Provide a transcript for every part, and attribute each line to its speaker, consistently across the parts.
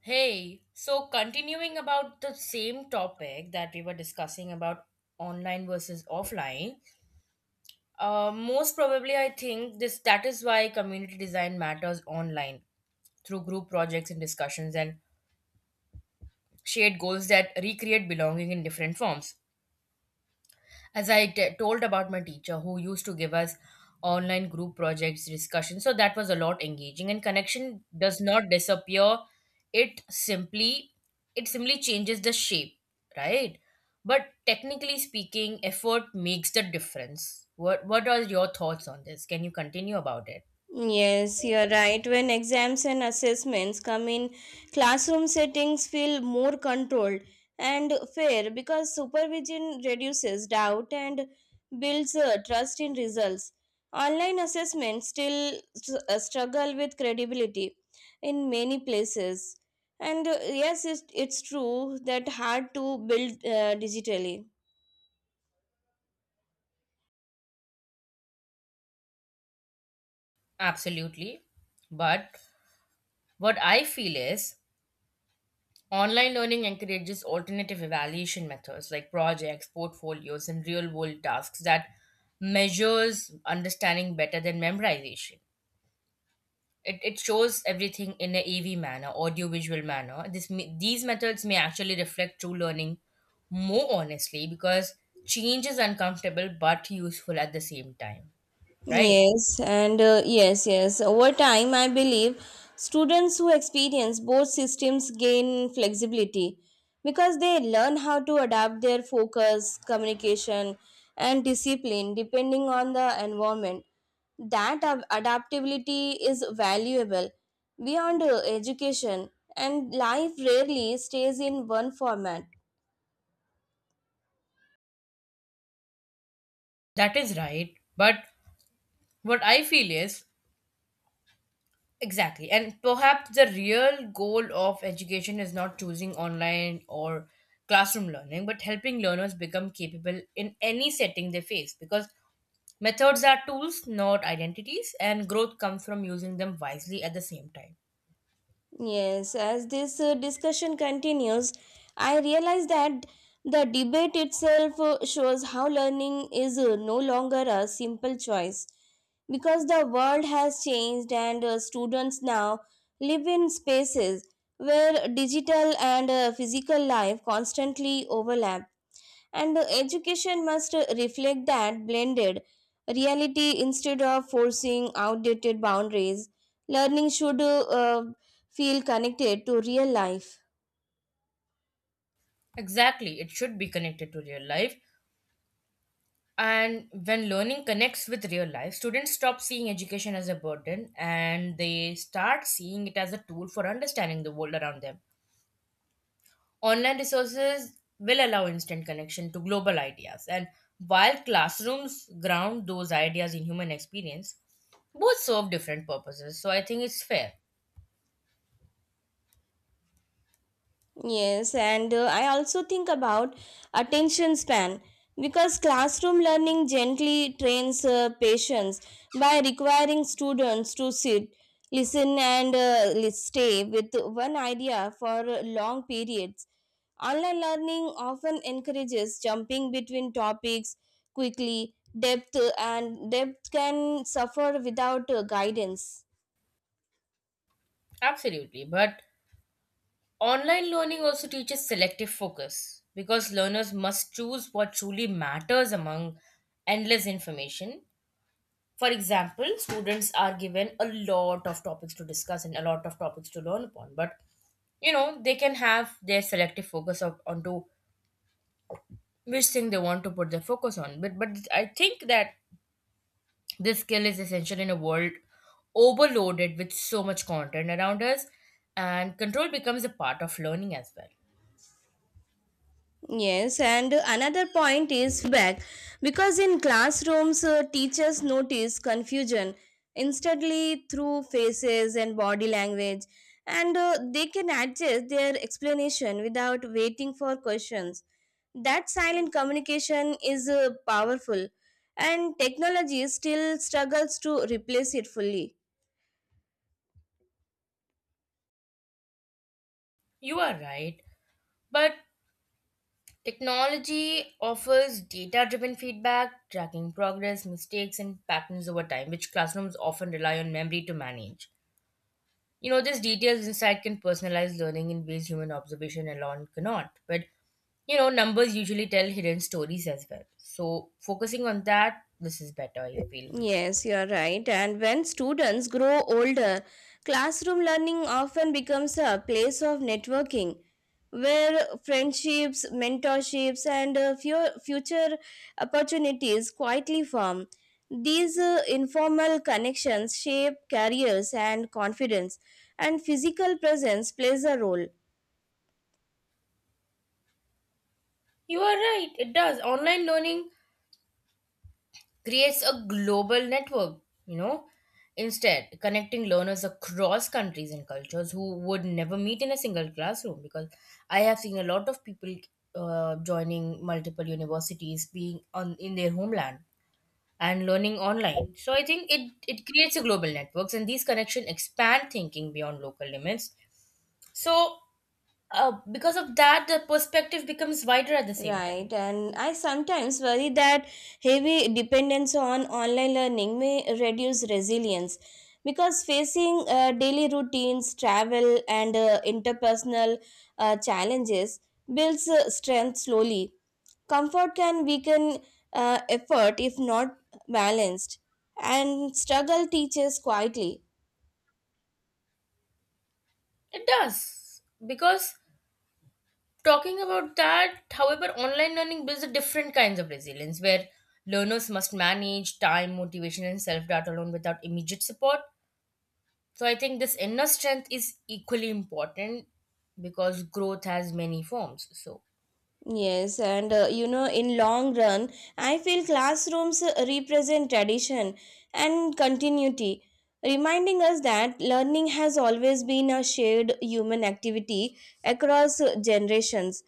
Speaker 1: Hey, so continuing about the same topic that we were discussing about online versus offline, most probably I think this that is why community design matters online through group projects and discussions and shared goals that recreate belonging in different forms. As I told about my teacher who used to give us online group projects discussion, so that was a lot engaging and connection does not disappear, it simply it simply changes the shape, right? But technically speaking, effort makes the difference. What are your thoughts on this? Can you continue about it?
Speaker 2: Yes, you're right. When exams and assessments come in, classroom settings feel more controlled and fair because supervision reduces doubt and builds trust in results. Online assessments still struggle with credibility in many places. And yes, it's true that hard to build digitally.
Speaker 1: Absolutely, but what I feel is online learning encourages alternative evaluation methods like projects, portfolios, and real world tasks that measures understanding better than memorization. It shows everything in a E V manner, audio visual manner. These methods may actually reflect true learning more honestly, because change is uncomfortable but useful at the same time, right?
Speaker 2: Yes, and yes. Over time, I believe students who experience both systems gain flexibility because they learn how to adapt their focus, communication, and discipline depending on the environment. That adaptability is valuable beyond education, and life rarely stays in one format.
Speaker 1: That is right. But what I feel is exactly. And perhaps the real goal of education is not choosing online or classroom learning, but helping learners become capable in any setting they face, because methods are tools, not identities, and growth comes from using them wisely at the same time.
Speaker 2: Yes, as this discussion continues, I realize that the debate itself shows how learning is no longer a simple choice because the world has changed and students now live in spaces where digital and physical life constantly overlap, and the education must reflect that blended reality instead of forcing outdated boundaries. Learning should feel connected to real life.
Speaker 1: Exactly. It should be connected to real life. And when learning connects with real life, students stop seeing education as a burden and they start seeing it as a tool for understanding the world around them. Online resources will allow instant connection to global ideas, and while classrooms ground those ideas in human experience, both serve different purposes. So I think it's fair.
Speaker 2: Yes, and I also think about attention span because classroom learning gently trains patience by requiring students to sit, listen, and stay with one idea for long periods. Online learning often encourages jumping between topics quickly, depth and depth can suffer without guidance.
Speaker 1: Absolutely. But online learning also teaches selective focus, because learners must choose what truly matters among endless information. For example, students are given a lot of topics to discuss and a lot of topics to learn upon, but you know they can have their selective focus of, onto which thing they want to put their focus on. But I think that this skill is essential in a world overloaded with so much content around us, and control becomes a part of learning as well.
Speaker 2: Yes, and another point is feedback because in classrooms, teachers notice confusion instantly through faces and body language, and they can adjust their explanation without waiting for questions. That silent communication is powerful, and technology still struggles to replace it fully.
Speaker 1: You are right, but technology offers data-driven feedback, tracking progress, mistakes, and patterns over time, which classrooms often rely on memory to manage. You know, this detailed insight can personalize learning in ways human observation alone cannot. But you know, numbers usually tell hidden stories as well. So, focusing on that, this is better, I feel.
Speaker 2: Yes, you're right. And when students grow older, classroom learning often becomes a place of networking where friendships, mentorships, and future opportunities quietly form. These informal connections shape careers and confidence, and physical presence plays a role.
Speaker 1: You are right, it does. Online learning creates a global network, you know, instead, connecting learners across countries and cultures who would never meet in a single classroom. Because I have seen a lot of people joining multiple universities being on in their homeland and learning online. So I think it creates a global networks, and these connections expand thinking beyond local limits. So, because of that, the perspective becomes wider at the same
Speaker 2: Right,
Speaker 1: time.
Speaker 2: and I sometimes worry that heavy dependence on online learning may reduce resilience because facing daily routines, travel, and interpersonal challenges builds strength slowly. Comfort can weaken effort if not balanced, and struggle teaches quietly.
Speaker 1: It does. Because talking about that, however, online learning builds a different kinds of resilience where learners must manage time, motivation, and self doubt alone without immediate support. So, I think this inner strength is equally important because growth has many forms. So,
Speaker 2: Yes, and you know, in long run, I feel classrooms represent tradition and continuity, reminding us that learning has always been a shared human activity across generations.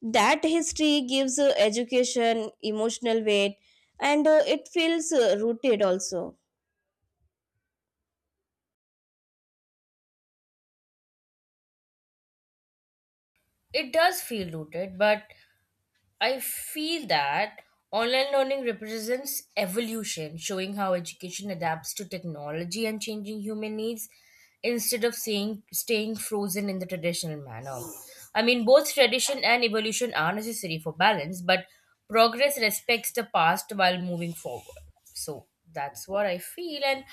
Speaker 2: That history gives education emotional weight, and it feels rooted also.
Speaker 1: it does feel rooted, but I feel that online learning represents evolution, showing how education adapts to technology and changing human needs instead of saying, staying frozen in the traditional manner. I mean, both tradition and evolution are necessary for balance, but progress respects the past while moving forward. So that's what I feel, and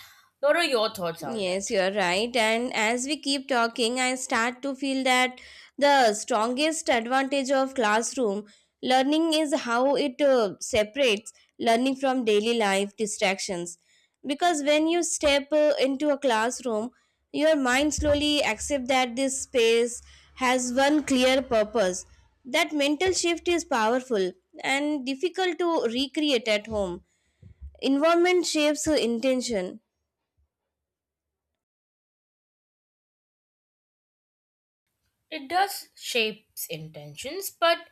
Speaker 1: what are your thoughts on
Speaker 2: Yes,
Speaker 1: it?
Speaker 2: you are right. And as we keep talking, I start to feel that the strongest advantage of classroom learning is how it separates learning from daily life distractions. Because when you step into a classroom, your mind slowly accepts that this space has one clear purpose. That mental shift is powerful and difficult to recreate at home. Environment shapes intention.
Speaker 1: It does shapes intentions, but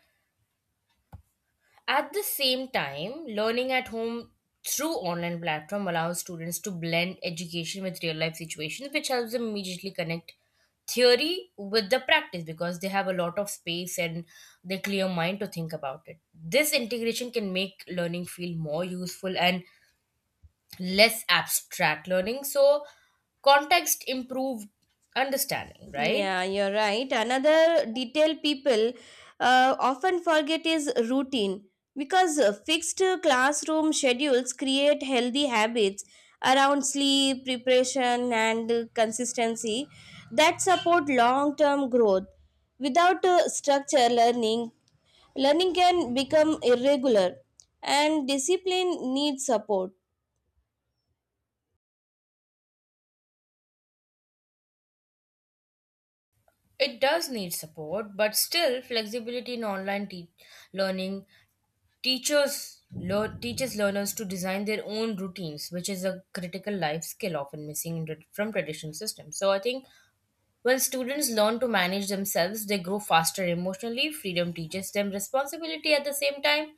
Speaker 1: at the same time, learning at home through online platform allows students to blend education with real life situations, which helps them immediately connect theory with the practice, because they have a lot of space and their clear mind to think about it. This integration can make learning feel more useful and less abstract learning. So context improved understanding, right?
Speaker 2: Yeah, you're right. Another detail people often forget is routine because fixed classroom schedules create healthy habits around sleep, preparation, and consistency that support long term growth. Without structure, learning can become irregular, and discipline needs support.
Speaker 1: It does need support, but still flexibility in online learning teachers learn teaches learners to design their own routines, which is a critical life skill often missing in, from traditional systems. So I think when students learn to manage themselves, they grow faster emotionally. Freedom teaches them responsibility at the same time.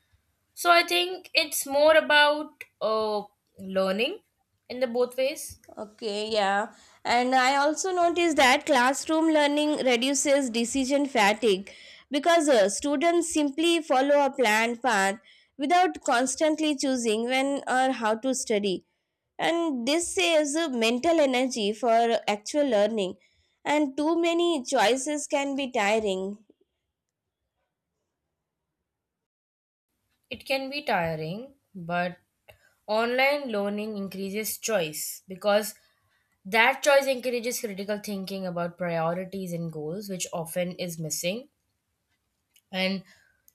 Speaker 1: So I think it's more about learning in the both ways.
Speaker 2: Okay, yeah. And I also noticed that classroom learning reduces decision fatigue because students simply follow a planned path without constantly choosing when or how to study. And this saves mental energy for actual learning. And too many choices can be tiring.
Speaker 1: It can be tiring, but online learning increases choice, because that choice encourages critical thinking about priorities and goals, which often is missing. And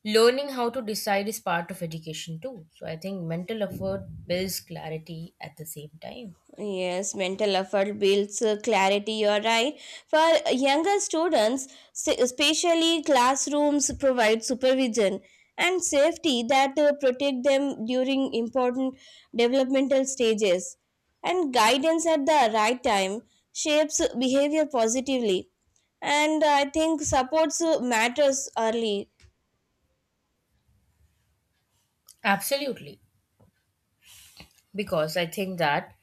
Speaker 1: learning how to decide is part of education too. So I think mental effort builds clarity at the same time.
Speaker 2: Yes, mental effort builds clarity. You're right. For younger students, especially, classrooms provide supervision and safety that protect them during important developmental stages. And guidance at the right time shapes behavior positively. And I think supports matters early.
Speaker 1: Absolutely. Because I think that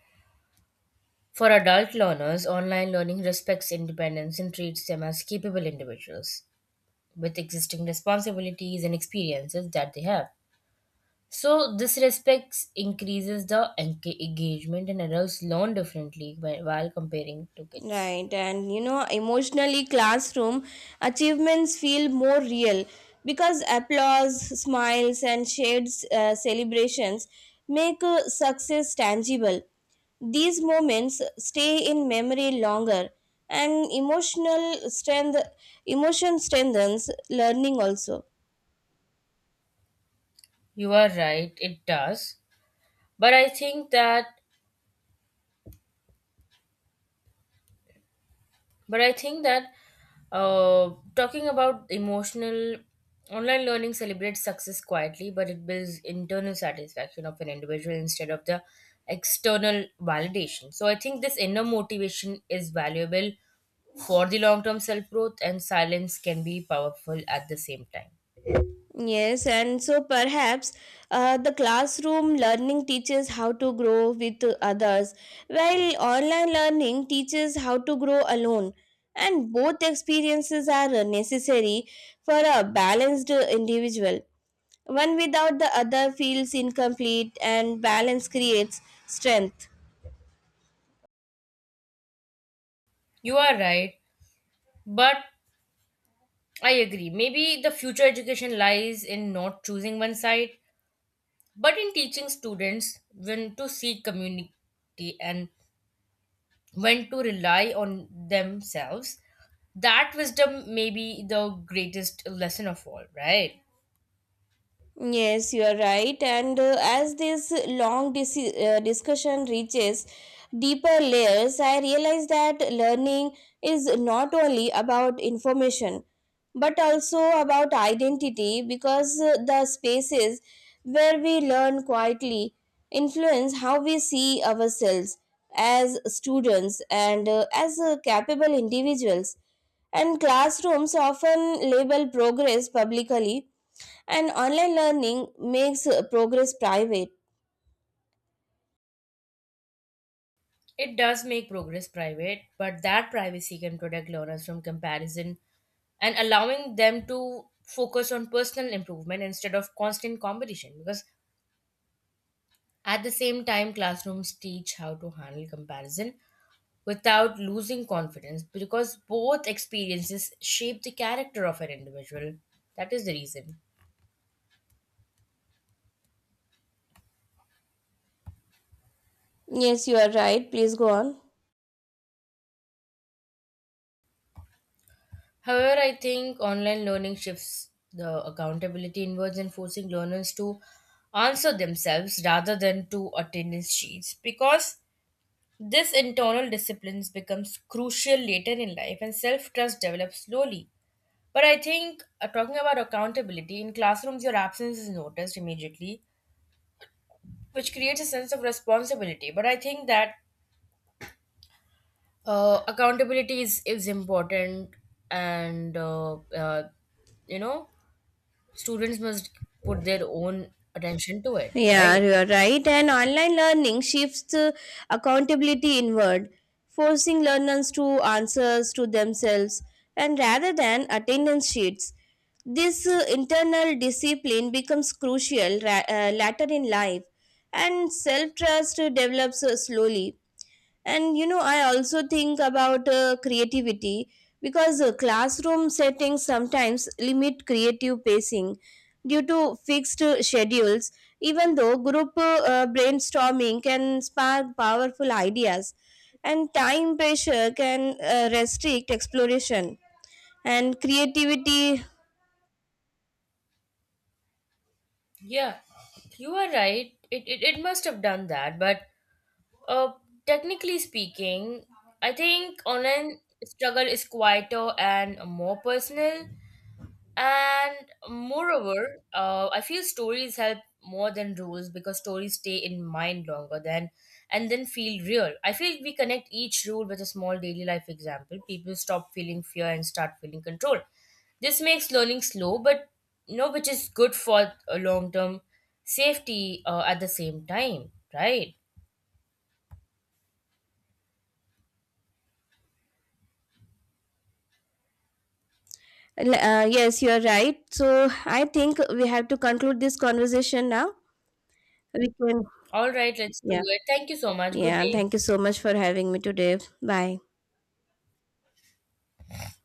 Speaker 1: for adult learners, online learning respects independence and treats them as capable individuals with existing responsibilities and experiences that they have. So this respects increases the engagement, and adults learn differently while comparing to kids.
Speaker 2: Right, and you know, emotionally, classroom achievements feel more real because applause, smiles, and shared celebrations make success tangible. These moments stay in memory longer, and emotional strength, emotion strengthens learning also.
Speaker 1: You are right, it does. But I think that but I think that uh, talking about emotional, online learning celebrates success quietly, but it builds internal satisfaction of an individual instead of the external validation. So I think this inner motivation is valuable for the long term self growth, and silence can be powerful at the same time.
Speaker 2: Yes, and so perhaps the classroom learning teaches how to grow with others, while online learning teaches how to grow alone. And both experiences are necessary for a balanced individual. One without the other feels incomplete, and balance creates strength.
Speaker 1: You are right, but I agree. Maybe the future education lies in not choosing one side, but in teaching students when to seek community and when to rely on themselves. That wisdom may be the greatest lesson of all, right?
Speaker 2: Yes, you are right. And as this long discussion reaches deeper layers, I realize that learning is not only about information but also about identity because the spaces where we learn quietly influence how we see ourselves as students and as capable individuals. And classrooms often label progress publicly, and online learning makes progress private.
Speaker 1: It does make progress private, but that privacy can protect learners from comparison and allowing them to focus on personal improvement instead of constant competition. Because at the same time, classrooms teach how to handle comparison without losing confidence, because both experiences shape the character of an individual. That is the reason.
Speaker 2: Yes, you are right. Please go on.
Speaker 1: However, I think online learning shifts the accountability inwards and forcing learners to answer themselves rather than to attendance sheets, because this internal disciplines becomes crucial later in life and self-trust develops slowly. But I think talking about accountability in classrooms, your absence is noticed immediately, which creates a sense of responsibility. But I think that accountability is important, and you know, students must put their own attention to it,
Speaker 2: Yeah,
Speaker 1: right?
Speaker 2: you are right. And online learning shifts accountability inward, forcing learners to answers to themselves and rather than attendance sheets. This internal discipline becomes crucial later in life, and self trust develops slowly. And you know, I also think about creativity because classroom settings sometimes limit creative pacing due to fixed schedules, even though group brainstorming can spark powerful ideas, and time pressure can restrict exploration and creativity.
Speaker 1: Yeah, you are right. It must have done that. But uh, technically speaking, I think online struggle is quieter and more personal. And moreover, I feel stories help more than rules, because stories stay in mind longer than and then feel real. I feel we connect each rule with a small daily life example, people stop feeling fear and start feeling control. This makes learning slow, but you know, which is good for a long term safety at the same time, right?
Speaker 2: Yes, you're right, so I think we have to conclude this conversation now. We can.
Speaker 1: All right, let's
Speaker 2: Yeah.
Speaker 1: do it. Thank you so much. Good
Speaker 2: Yeah,
Speaker 1: day.
Speaker 2: thank you so much for having me today. Bye.